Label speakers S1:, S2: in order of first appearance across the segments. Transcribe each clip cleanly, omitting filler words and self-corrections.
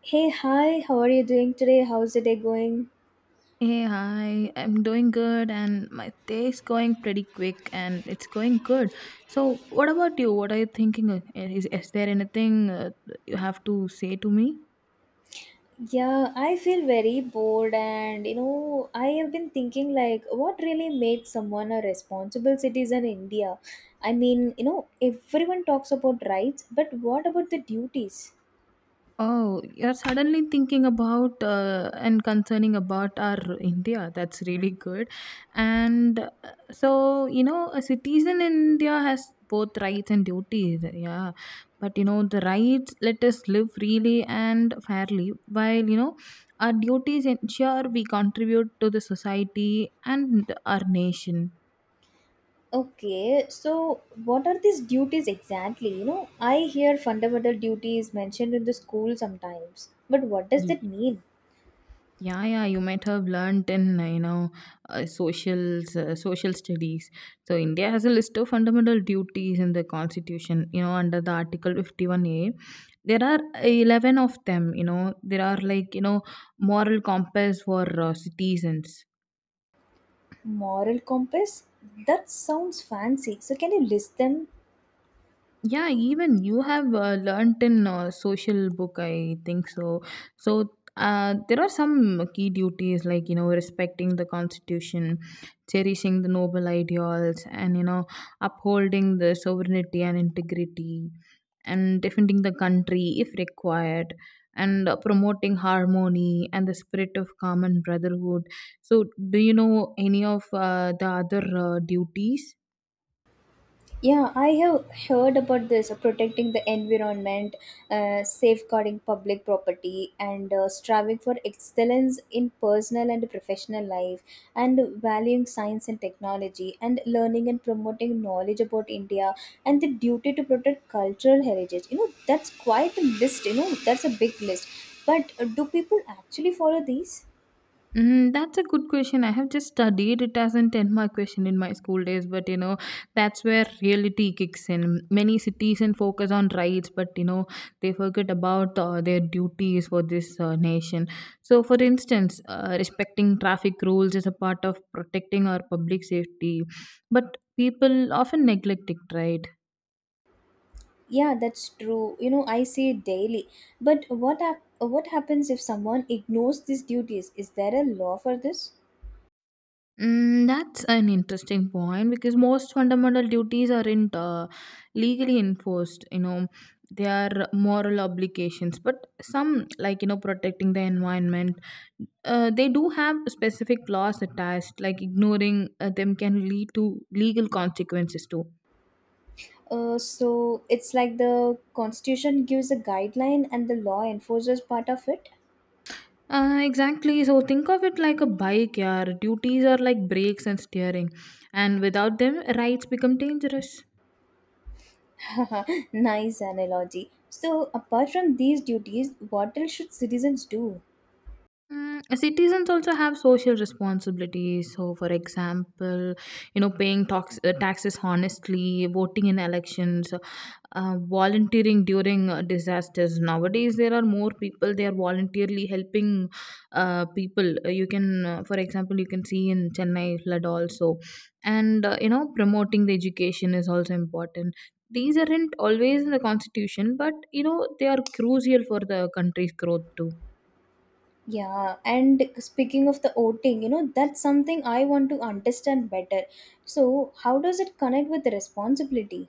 S1: Hey, hi, how are you doing today? How's the day going?
S2: Hey, hi. I'm doing good and my day is going pretty quick and it's going good. So, what about you? What are you thinking? Is there anything you have to say to me?
S1: Yeah, I feel very bored, and I have been thinking like, what really makes someone a responsible citizen in India? Everyone talks about rights, but what about the duties?
S2: Oh, you're suddenly thinking about and concerning about our India. That's really good. And you know, a citizen in India has both rights and duties. Yeah. But, you know, the rights let us live freely and fairly, while, you know, our duties ensure we contribute to the society and our nation.
S1: Okay, so what are these duties exactly? You know, I hear fundamental duties mentioned in the school sometimes, but what does that mean?
S2: Yeah, yeah, you might have learnt in you know socials, social studies. So India has a list of fundamental duties in the constitution. You know, under the Article 51 A, there are 11 of them. You know, there are like you know moral compass for citizens.
S1: Moral compass? That sounds fancy. So, can you list them?
S2: Yeah, even you have learnt in social book, I think so. So there are some key duties like you know respecting the constitution, cherishing the noble ideals, and you know upholding the sovereignty and integrity, and defending the country if required, and promoting harmony and the spirit of common brotherhood. So do you know any of the other duties?
S1: Yeah, I have heard about this protecting the environment, safeguarding public property, and striving for excellence in personal and professional life, and valuing science and technology, and learning and promoting knowledge about India, and the duty to protect cultural heritage. You know, that's quite a list, that's a big list. But do people actually follow these?
S2: Mm, that's a good question. I have just studied it as an 10 mark question in my school days, but you know, that's where reality kicks in. Many citizens focus on rights, but you know, they forget about their duties for this nation. So, for instance, respecting traffic rules is a part of protecting our public safety, but people often neglect it, right?
S1: Yeah, that's true. You know, I see it daily. But what happens if someone ignores these duties? Is there a law for this?
S2: Mm, that's an interesting point because most fundamental duties aren't legally enforced. You know, they are moral obligations, but some, like, you know, protecting the environment, they do have specific laws attached, like, ignoring them can lead to legal consequences too.
S1: So it's like the constitution gives a guideline and the law enforces part of it.
S2: Exactly. So think of it like a bike, yeah. Duties are like brakes and steering, and without them, rides become dangerous.
S1: Nice analogy. So apart from these duties, what else should citizens do?
S2: Mm, citizens also have social responsibilities. So, for example, you know, paying taxes honestly, voting in elections, volunteering during disasters. Nowadays, there are more people. They are voluntarily helping people. You can, for example, you can see in Chennai flood also, and you know, promoting the education is also important. These aren't always in the constitution, but you know, they are crucial for the country's growth too.
S1: Yeah, and speaking of the voting, you know, that's something I want to understand better. So how does it connect with responsibility?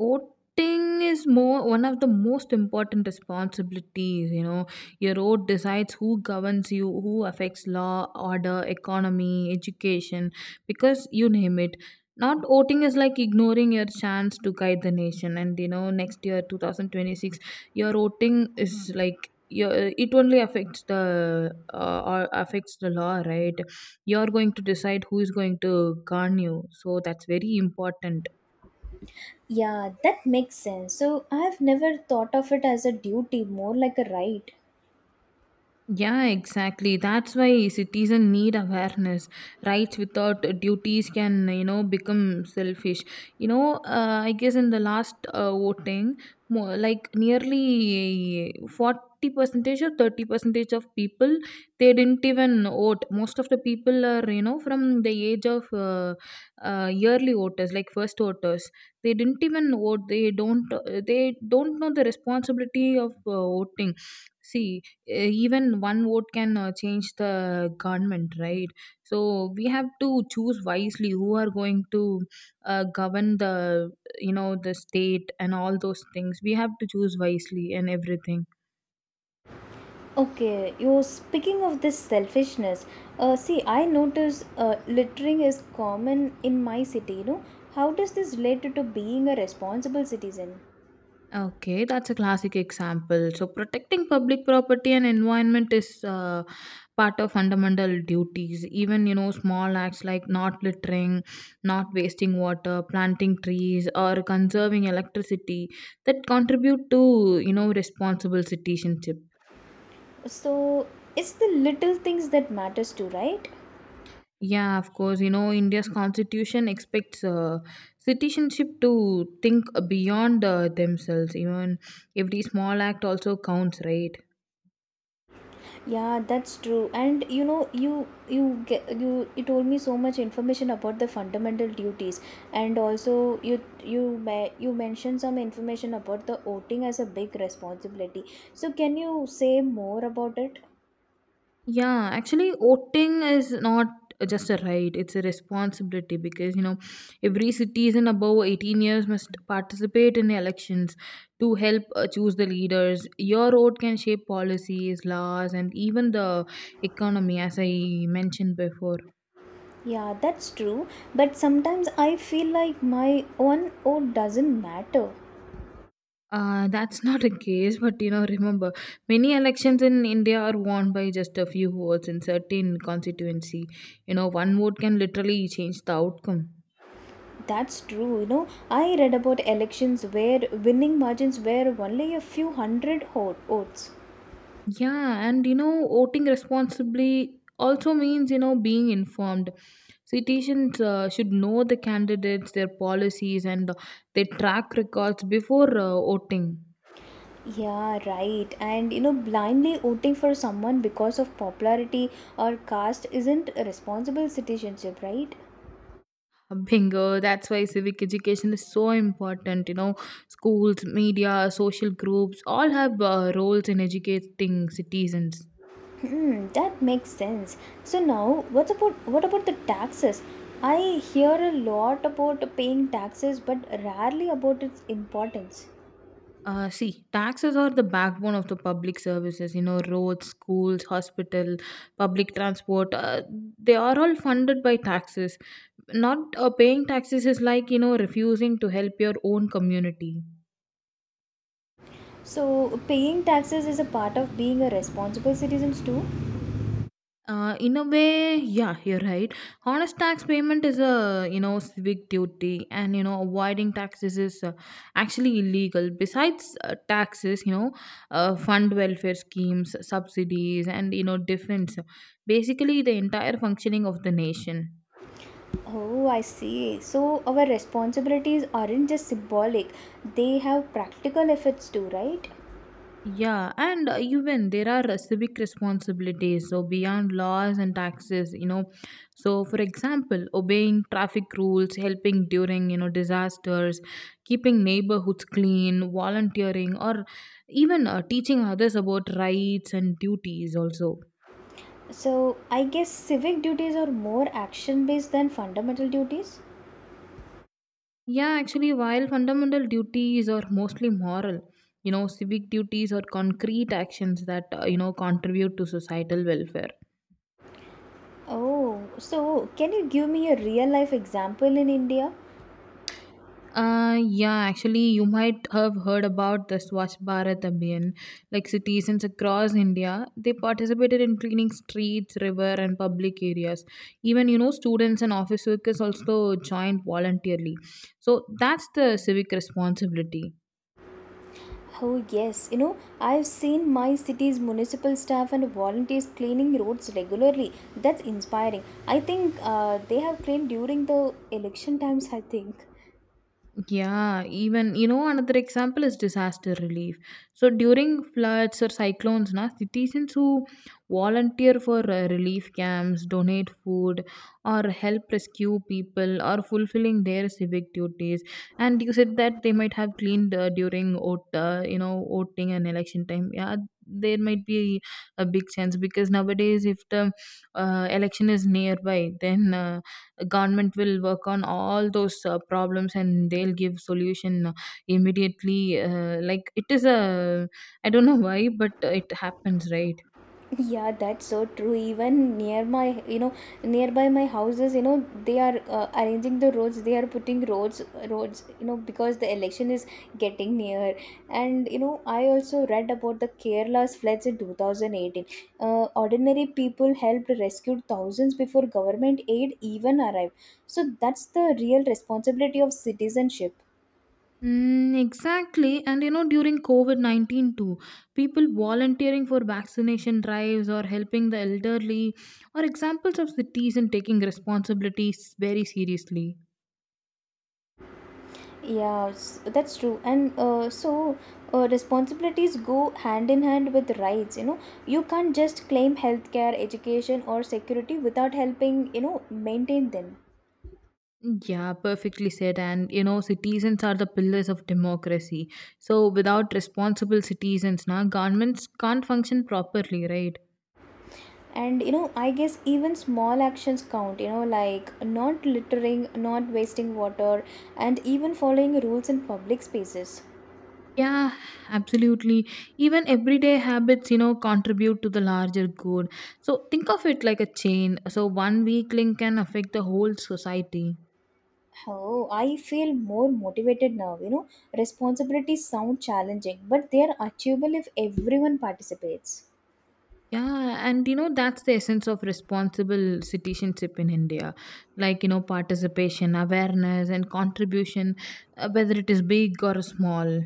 S2: Voting is more one of the most important responsibilities. You know, your vote decides who governs you, who affects law, order, economy, education, because you name it. Not voting is like ignoring your chance to guide the nation. And you know, next year, 2026, your voting is like your, it only affects the or affects the law, right? You're going to decide who is going to govern you. So that's very important.
S1: Yeah, that makes sense. So I've never thought of it as a duty, more like a right.
S2: Yeah, exactly. That's why citizens need awareness. Rights without duties can, you know, become selfish. You know, I guess in the last voting, more, like nearly 40 percentage or 30 percentage of people, they didn't even vote. Most of the people are, you know, from the age of yearly voters, like first voters. They didn't even vote. They don't. They don't know the responsibility of voting. See, even one vote can change the government, right? So we have to choose wisely who are going to govern the, you know, the state and all those things. We have to choose wisely and everything.
S1: Okay, you're speaking of this selfishness. I notice littering is common in my city. You know, how does this relate to being a responsible citizen?
S2: Okay, that's a classic example. So, protecting public property and environment is part of fundamental duties. Even, you know, small acts like not littering, not wasting water, planting trees, or conserving electricity that contribute to, you know, responsible citizenship.
S1: So it's the little things that matters too, right?
S2: Yeah, of course, you know, India's constitution expects citizenship to think beyond themselves. Even every small act also counts, right?
S1: Yeah, that's true. And you know, you get you you told me so much information about the fundamental duties, and also you mentioned some information about the voting as a big responsibility. So can you say more about it?
S2: Yeah, actually, voting is not just a right, it's a responsibility because you know, every citizen above 18 years must participate in elections to help choose the leaders. Your vote can shape policies, laws, and even the economy, as I mentioned before.
S1: Yeah, that's true. But sometimes I feel like my own vote doesn't matter.
S2: That's not a case, but you know, remember, many elections in India are won by just a few votes in certain constituency. You know, one vote can literally change the outcome.
S1: That's true. You know, I read about elections where winning margins were only a few hundred votes.
S2: Yeah, and you know, voting responsibly also means, you know, being informed. Citizens should know the candidates, their policies, and their track records before voting.
S1: Yeah, right. And you know, blindly voting for someone because of popularity or caste isn't a responsible citizenship, right?
S2: Bingo, that's why civic education is so important. You know, schools, media, social groups all have roles in educating citizens.
S1: Hmm, that makes sense. So now, what about the taxes? I hear a lot about paying taxes, but rarely about its importance.
S2: See, taxes are the backbone of the public services. You know, roads, schools, hospital, public transport. They are all funded by taxes. Not paying taxes is like you know refusing to help your own community.
S1: So, paying taxes is a part of being a responsible citizens too.
S2: In a way, yeah, you're right. Honest tax payment is a you know civic duty, and you know avoiding taxes is actually illegal. Besides taxes, you know, fund welfare schemes, subsidies, and you know defense. Basically, the entire functioning of the nation.
S1: Oh, I see. So, our responsibilities aren't just symbolic; they have practical effects too, right?
S2: Yeah, and even there are civic responsibilities, so beyond laws and taxes, you know. So, for example, obeying traffic rules, helping during, you know, disasters, keeping neighborhoods clean, volunteering, or even teaching others about rights and duties also.
S1: So, I guess civic duties are more action based than fundamental duties?
S2: Yeah, actually, while fundamental duties are mostly moral, you know, civic duties are concrete actions that, you know, contribute to societal welfare.
S1: Oh, so can you give me a real life example in India?
S2: Yeah, actually, you might have heard about the Swachh Bharat Abhiyan. Like citizens across India, they participated in cleaning streets, river, and public areas. Even you know, students and office workers also joined voluntarily. So that's the civic responsibility.
S1: Oh, yes. You know, I've seen my city's municipal staff and volunteers cleaning roads regularly. That's inspiring. I think they have cleaned during the election times, I think.
S2: Yeah, even you know another example is disaster relief. So during floods or cyclones, na citizens who volunteer for relief camps, donate food, or help rescue people, are fulfilling their civic duties. And you said that they might have cleaned during you know, voting and election time. Yeah, there might be a big chance because nowadays, if the election is nearby, then government will work on all those problems and they'll give solution immediately, like it is a, I don't know why, but it happens, right?
S1: Yeah, that's so true. Even near my, you know, nearby my houses, you know, they are arranging the roads. They are putting roads, you know, because the election is getting near. And you know, I also read about the Kerala's floods in 2018. Ordinary people helped rescue thousands before government aid even arrived. So that's the real responsibility of citizenship.
S2: Mm, exactly. And you know, during COVID COVID-19 too, people volunteering for vaccination drives or helping the elderly are examples of cities and taking responsibilities very seriously.
S1: That's true. And so Responsibilities go hand in hand with rights. You know, you can't just claim healthcare, education, or security without helping, you know, maintain them.
S2: Yeah, perfectly said. And you know, citizens are the pillars of democracy. So without responsible citizens, now governments can't function properly, right?
S1: And you know, I guess even small actions count, you know, like not littering, not wasting water, and even following rules in public spaces.
S2: Yeah, absolutely. Even everyday habits, you know, contribute to the larger good. So think of it like a chain. So one weak link can affect the whole society.
S1: Oh, I feel more motivated now. You know, responsibilities sound challenging, but they are achievable if everyone participates.
S2: Yeah, and you know, that's the essence of responsible citizenship in India. Like, you know, participation, awareness, and contribution, whether it is big or small.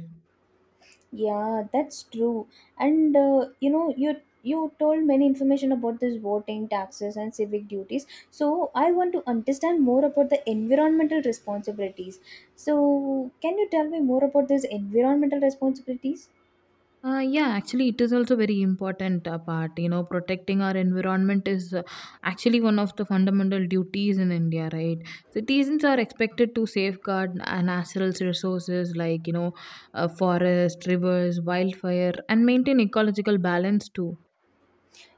S1: Yeah, that's true. And you know, you told many information about this voting, taxes, and civic duties. So I want to understand more about the environmental responsibilities. So can you tell me more about these environmental responsibilities?
S2: Yeah, actually, it is also very important part. You know, protecting our environment is actually one of the fundamental duties in India, right? Citizens are expected to safeguard natural resources like, you know, forest, rivers, wildfire, and maintain ecological balance too.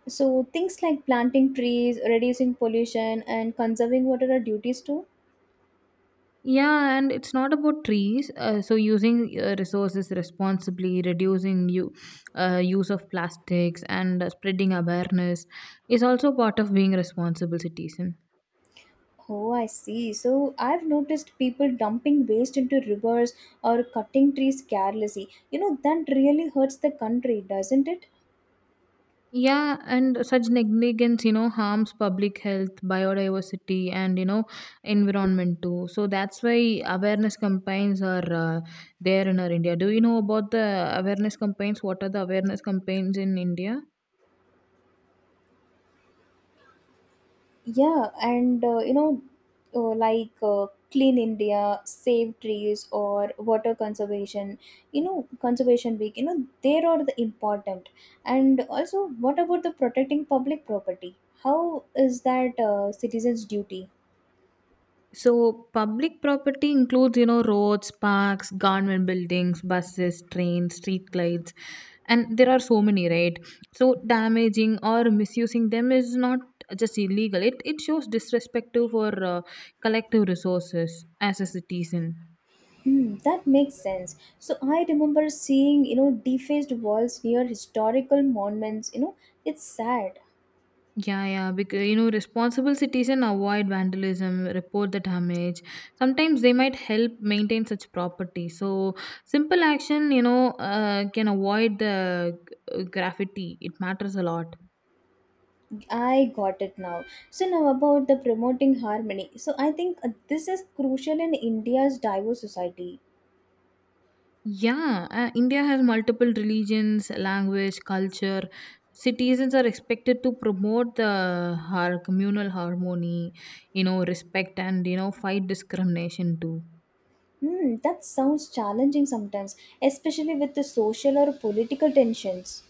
S1: So things like planting trees, reducing pollution, and conserving water are duties too.
S2: Yeah, and it's not about trees. So using resources responsibly, reducing you use of plastics, and spreading awareness is also part of being responsible citizen.
S1: Oh, I see. So I've noticed people dumping waste into rivers or cutting trees carelessly. You know, that really hurts the country, doesn't it?
S2: Yeah, and such negligence, you know, harms public health, biodiversity, and you know, environment too. So that's why awareness campaigns are there in our India. Do you know about the awareness campaigns? What are the awareness campaigns in India?
S1: Yeah, and Clean India, Save Trees, or Water Conservation, you know, Conservation Week, you know, they are the important. And also, what about the protecting public property? How is that citizens' duty?
S2: So, public property includes, you know, roads, parks, government buildings, buses, trains, street lights, and there are so many, right? So, damaging or misusing them is not just illegal. It shows disrespect to for collective resources as a citizen.
S1: Hmm, that makes sense. So I remember seeing, you know, defaced walls near historical monuments. You know, it's sad.
S2: Yeah, yeah, because you know, responsible citizen avoid vandalism, report the damage. Sometimes they might help maintain such property. So simple action, you know, can avoid the graffiti. It matters a lot.
S1: I got it now. So now about the promoting harmony. So I think this is crucial in India's diverse society.
S2: Yeah, India has multiple religions, language, culture. Citizens are expected to promote the communal harmony, you know, respect, and you know, fight discrimination too.
S1: Hmm, that sounds challenging sometimes, especially with the social or political tensions.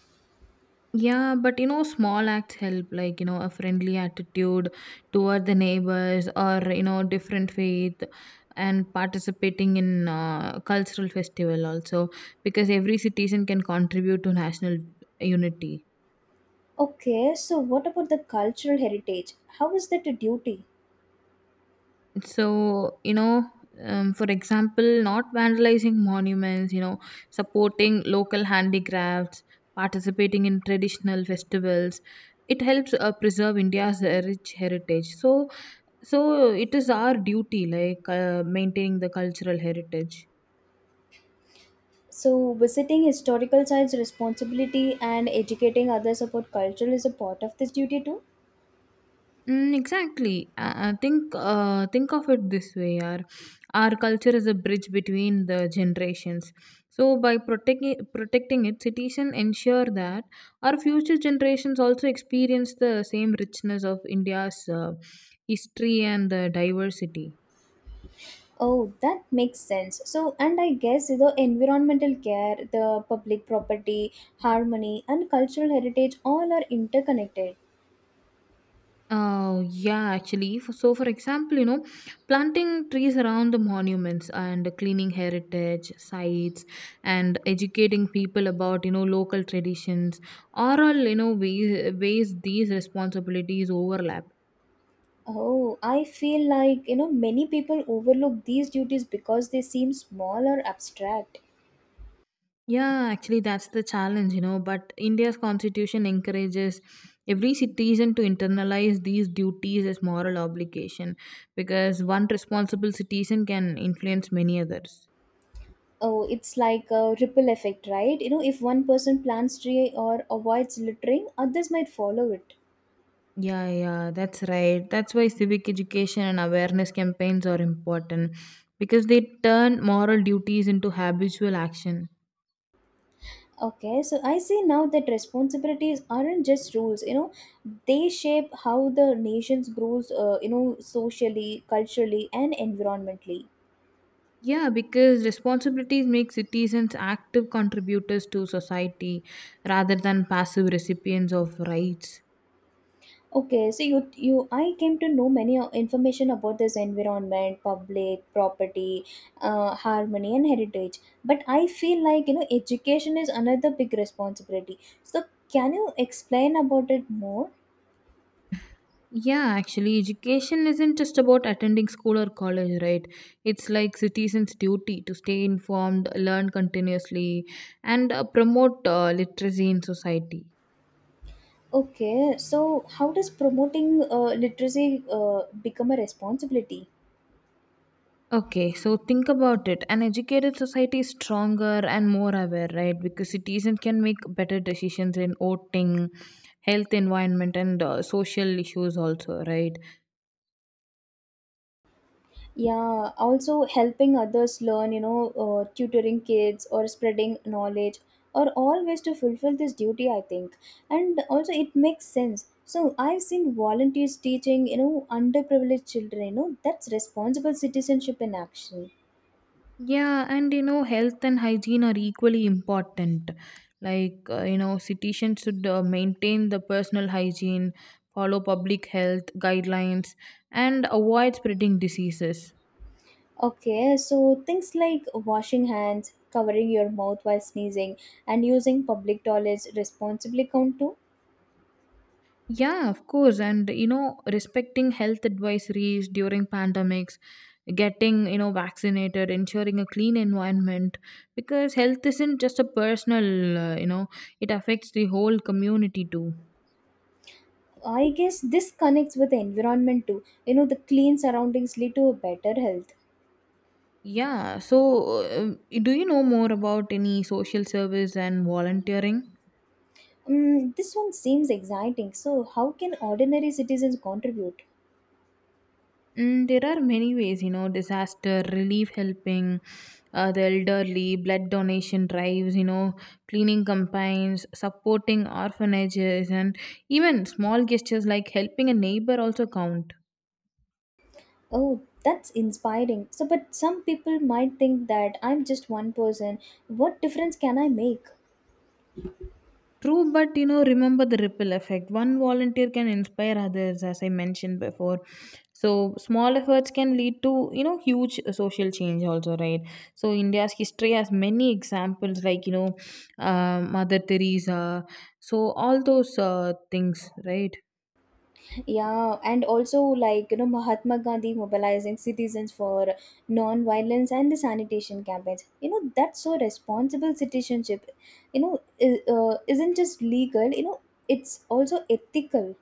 S2: Yeah, but you know, small acts help, like, you know, a friendly attitude toward the neighbors or, you know, different faith and participating in cultural festival also because every citizen can contribute to national unity.
S1: Okay, so what about the cultural heritage? How is that a duty?
S2: So, you know, for example, not vandalizing monuments, you know, supporting local handicrafts, participating in traditional festivals, it helps preserve India's rich heritage. So, so it is our duty, like maintaining the cultural heritage.
S1: So visiting historical sites responsibility and educating others about culture is a part of this duty too?
S2: Mm, exactly. I think of it this way, our culture is a bridge between the generations. So by protecting it, cities can ensure that our future generations also experience the same richness of India's history and the diversity.
S1: Oh, that makes sense. So, and I guess the environmental care, the public property, harmony, and cultural heritage all are interconnected.
S2: Oh, yeah, actually. For example, planting trees around the monuments and cleaning heritage sites and educating people about, local traditions are all, ways these responsibilities overlap.
S1: Oh, I feel like, you know, many people overlook these duties because they seem small or abstract.
S2: Yeah, actually, that's the challenge. But India's constitution encourages every citizen to internalize these duties as moral obligation because one responsible citizen can influence many others.
S1: Oh, it's like a ripple effect, right? You know, if one person plants tree or avoids littering, others might follow it.
S2: Yeah, yeah, that's right. That's why civic education and awareness campaigns are important because they turn moral duties into habitual action.
S1: Okay, so I see now that responsibilities aren't just rules, you know, they shape how the nations grows, you know, socially, culturally, and environmentally.
S2: Yeah, because responsibilities make citizens active contributors to society rather than passive recipients of rights.
S1: Okay, so you I came to know many information about this environment, public property, harmony, and heritage. But I feel like you know education is another big responsibility. So can you explain about it more?
S2: Yeah, actually, education isn't just about attending school or college, right? It's like citizens' duty to stay informed, learn continuously, and promote literacy in society.
S1: Okay, so how does promoting literacy uh, become a responsibility?
S2: Okay, so think about it. An educated society is stronger and more aware, right? Because citizens can make better decisions in voting, health, environment, and social issues, also, right?
S1: Yeah, also helping others learn, you know, tutoring kids or spreading knowledge are all ways to fulfill this duty, I think. And also, it makes sense. So, I've seen volunteers teaching, you know, underprivileged children, you know, that's responsible citizenship in action.
S2: Yeah, and you know, health and hygiene are equally important. Like, you know, citizens should maintain the personal hygiene, follow public health guidelines, and avoid spreading diseases.
S1: Okay, so things like washing hands, covering your mouth while sneezing, and using public toilets responsibly count too.
S2: Yeah, of course. And you know, respecting health advisories during pandemics, getting, you know, vaccinated, ensuring a clean environment because health isn't just a personal, you know, it affects the whole community too.
S1: I guess this connects with the environment too. You know, the clean surroundings lead to a better health.
S2: Yeah, so do you know more about any social service and volunteering?
S1: Mm, this one seems exciting. So, how can ordinary citizens contribute?
S2: Mm, there are many ways, you know, disaster relief helping, the elderly, blood donation drives, you know, cleaning campaigns, supporting orphanages, and even small gestures like helping a neighbor also count.
S1: Oh, that's inspiring. So, but some people might think that I'm just one person. What difference can I make?
S2: True, but you know, remember the ripple effect. One volunteer can inspire others, as I mentioned before. So, small efforts can lead to, you know, huge social change, also, right? So, India's history has many examples, like, you know, Mother Teresa. So, all those things, right?
S1: Yeah, and also, like, you know, Mahatma Gandhi mobilizing citizens for non violence and the sanitation campaigns. You know, that's so responsible citizenship. You know, isn't just legal, you know, it's also ethical.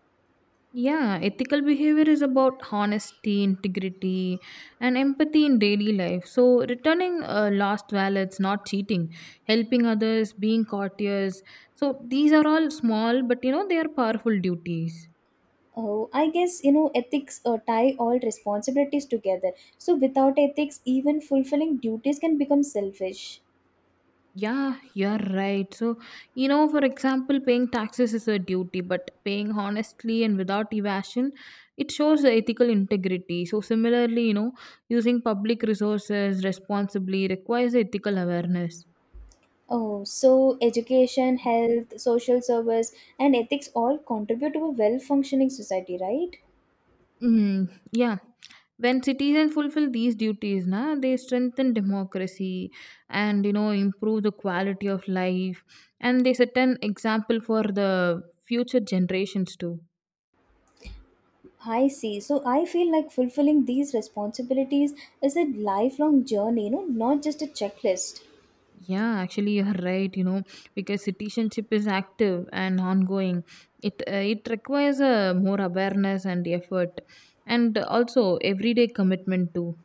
S2: Yeah, ethical behavior is about honesty, integrity, and empathy in daily life. So, returning lost wallets, not cheating, helping others, being courteous. So, these are all small, but you know, they are powerful duties.
S1: Oh, I guess you know ethics tie all responsibilities together. So without ethics, even fulfilling duties can become selfish.
S2: Yeah, you're right. So, you know, for example, paying taxes is a duty, but paying honestly and without evasion, it shows the ethical integrity. So, similarly, you know, using public resources responsibly requires ethical awareness.
S1: Oh, so education, health, social service, and ethics all contribute to a well-functioning society, right?
S2: Mm, yeah. When citizens fulfill these duties, na, they strengthen democracy and you know improve the quality of life, and they set an example for the future generations too.
S1: I see. So I feel like fulfilling these responsibilities is a lifelong journey, you know, not just a checklist.
S2: Yeah, actually, you're right. You know, because citizenship is active and ongoing, it requires a more awareness and effort, and also everyday commitment too.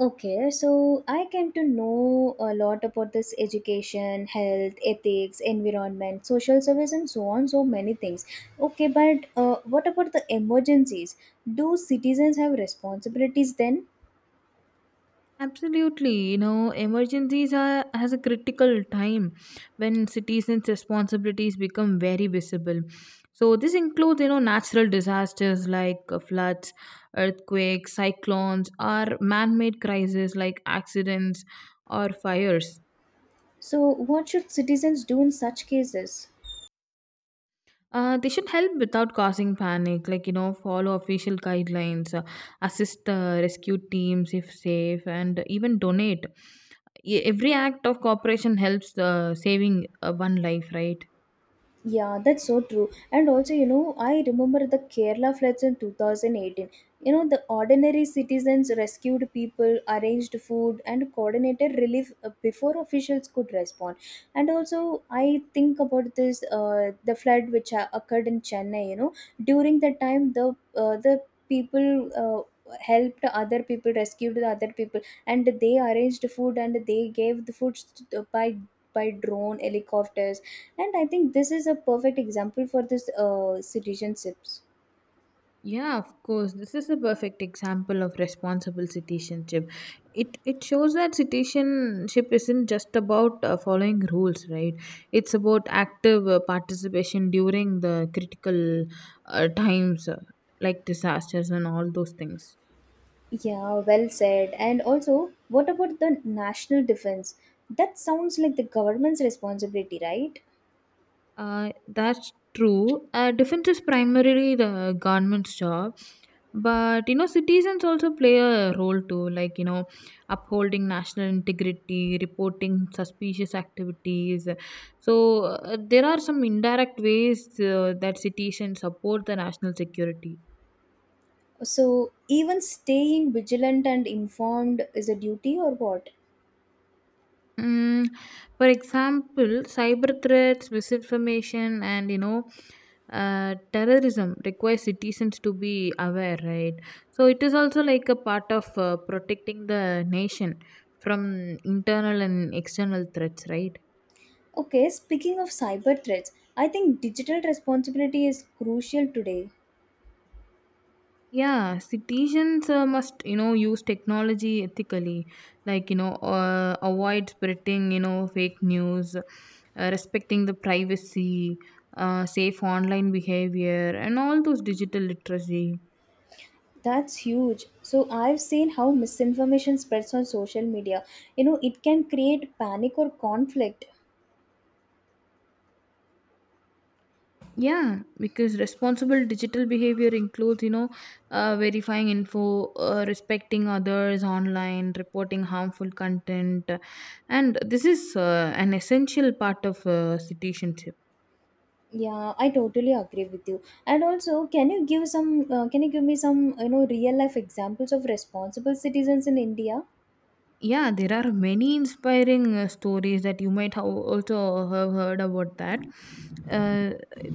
S1: Okay, so I came to know a lot about this education, health, ethics, environment, social service, and so on, so many things. Okay, but what about the emergencies? Do citizens have responsibilities then?
S2: Absolutely, you know, emergencies are has a critical time when citizens' responsibilities become very visible. So this includes, you know, natural disasters like floods, earthquakes, cyclones, or man-made crises like accidents or fires.
S1: So, what should citizens do in such cases?
S2: They should help without causing panic, like you know, follow official guidelines, assist rescue teams if safe, and even donate. Every act of cooperation helps saving one life, right?
S1: Yeah, that's so true. And also, you know, I remember the Kerala floods in 2018. You know, the ordinary citizens rescued people, arranged food, and coordinated relief before officials could respond. And also, I think about this the flood which occurred in Chennai. You know, during that time, the people. Helped other people rescued the other people and they arranged food and they gave the food by drone helicopters and I think this is a perfect example for this citizenships.
S2: Yeah, of course. This is a perfect example of responsible citizenship. It shows that citizenship isn't just about following rules, right? It's about active participation during the critical times like disasters and all those things.
S1: Yeah, well said. And also, what about the national defense? That sounds like the government's responsibility, right?
S2: That's true. Defense is primarily the government's job, but you know, citizens also play a role too, like you know, upholding national integrity, reporting suspicious activities. So, there are some indirect ways that citizens support the national security.
S1: So, even staying vigilant and informed is a duty or what?
S2: Mm, for example, cyber threats, misinformation, and you know, terrorism requires citizens to be aware, right? So it is also like a part of protecting the nation from internal and external threats, right?
S1: Okay, speaking of cyber threats, I think digital responsibility is crucial today.
S2: Yeah, citizens must, you know, use technology ethically, like, you know, avoid spreading, you know, fake news, respecting the privacy, safe online behavior, and all those digital literacy.
S1: That's huge. So, I've seen how misinformation spreads on social media. You know, it can create panic or conflict.
S2: Yeah, because responsible digital behavior includes, you know, verifying info, respecting others online, reporting harmful content, and this is an essential part of citizenship.
S1: Yeah, I totally agree with you. And also, can you give some? Can you give me some, you know, real life examples of responsible citizens in India?
S2: Yeah, there are many inspiring stories that you might have also have heard about that. Uh,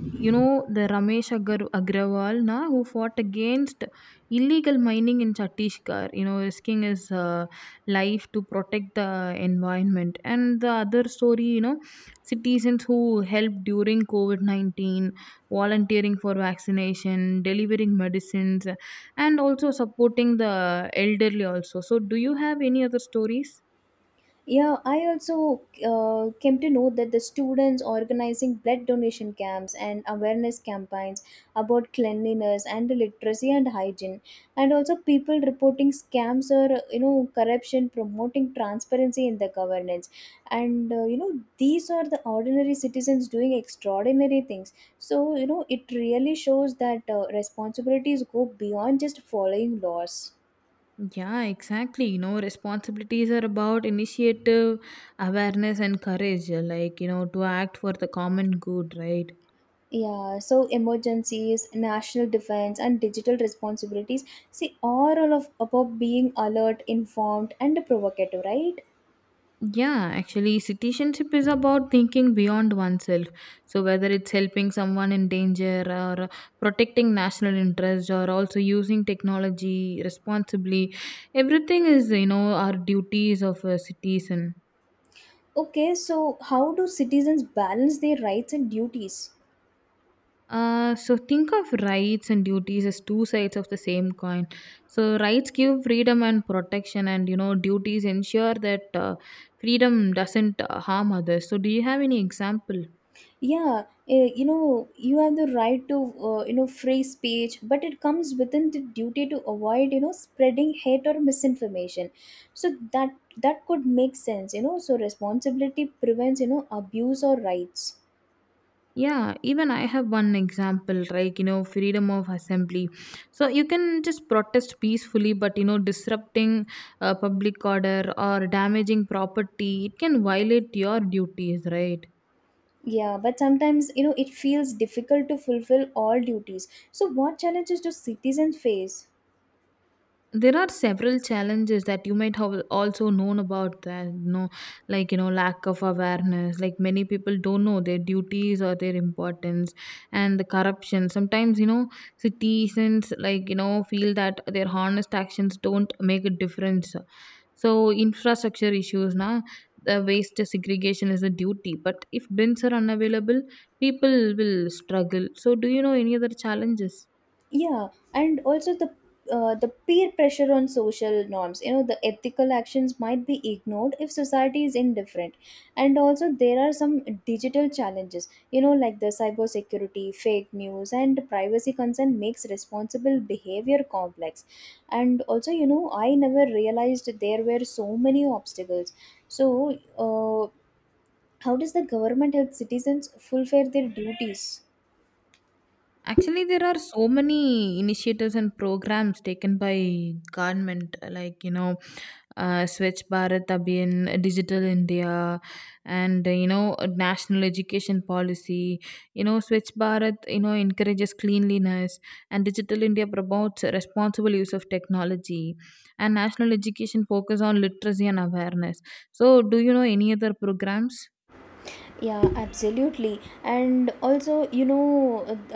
S2: you know the Ramesh Agrawal na who fought against illegal mining in Chhattisgarh. You know, risking his life to protect the environment. And the other story, you know, citizens who helped during COVID-19, volunteering for vaccination, delivering medicines, and also supporting the elderly also so do you have any other stories
S1: Yeah, I also came to know that the students organizing blood donation camps and awareness campaigns about cleanliness and literacy and hygiene, and also people reporting scams or you know corruption, promoting transparency in the governance, and you know these are the ordinary citizens doing extraordinary things. So you know it really shows that responsibilities go beyond just following laws.
S2: Yeah, exactly. You know, responsibilities are about initiative, awareness, and courage, like, you know, to act for the common good, right?
S1: Yeah, so emergencies, national defense, and digital responsibilities, see, are all of about being alert, informed, and provocative, right?
S2: Yeah, actually, citizenship is about thinking beyond oneself. So, whether it's helping someone in danger or protecting national interest or also using technology responsibly, everything is, you know, our duties of a citizen.
S1: Okay, so how do citizens balance their rights and duties?
S2: So think of rights and duties as two sides of the same coin. So rights give freedom and protection, and you know duties ensure that freedom doesn't harm others. So do you have any example?
S1: Yeah, you know, you have the right to, you know, free speech, but it comes within the duty to avoid, you know, spreading hate or misinformation. So that could make sense, you know. So responsibility prevents, you know, abuse or rights.
S2: Yeah, even I have one example, like you know, freedom of assembly. So you can just protest peacefully, but you know, disrupting public order or damaging property, it can violate your duties, right?
S1: Yeah, but sometimes, you know, it feels difficult to fulfill all duties. So what challenges do citizens face?
S2: There are several challenges that you might have also known about that you know like you know lack of awareness like many people don't know their duties or their importance, and the corruption sometimes you know citizens like you know feel that their honest actions don't make a difference. So infrastructure issues now the waste segregation is a duty, but if bins are unavailable people will struggle. So do you know any other challenges?
S1: Yeah, and also the peer pressure on social norms, you know, the ethical actions might be ignored if society is indifferent. And also there are some digital challenges, you know, like the cybersecurity, fake news, and privacy concern makes responsible behavior complex. And also you know I never realized there were so many obstacles. So how does the government help citizens fulfill their duties?
S2: Actually, there are so many initiatives and programs taken by government, like you know, Swachh Bharat Abhiyan, Digital India, and you know, a national education policy. You know, Swachh Bharat, you know, encourages cleanliness, and Digital India promotes responsible use of technology, and national education focus on literacy and awareness. So, do you know any other programs?
S1: Yeah, absolutely. And also you know,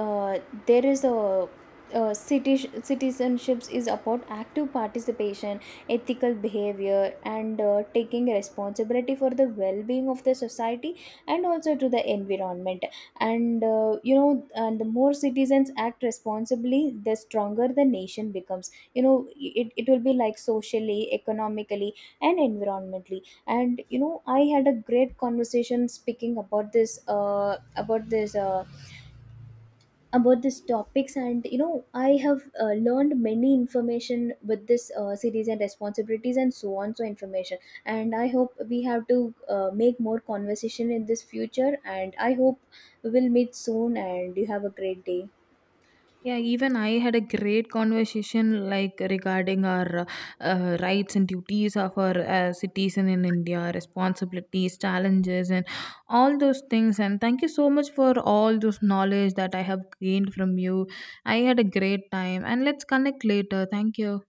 S1: uh, there is a citi- citizenships is about active participation, ethical behavior, and taking responsibility for the well-being of the society and also to the environment. And you know, and the more citizens act responsibly the stronger the nation becomes, you know, it will be like socially, economically, and environmentally. And you know I had a great conversation speaking about this about this about these topics. And you know I have learned many information with this series and responsibilities and so on so information. And I hope we have to make more conversation in this future, and I hope we will meet soon, and you have a great day.
S2: Yeah, even I had a great conversation like regarding our rights and duties of our citizen in India, responsibilities, challenges, and all those things. And thank you so much for all those knowledge that I have gained from you. I had a great time, and let's connect later. Thank you.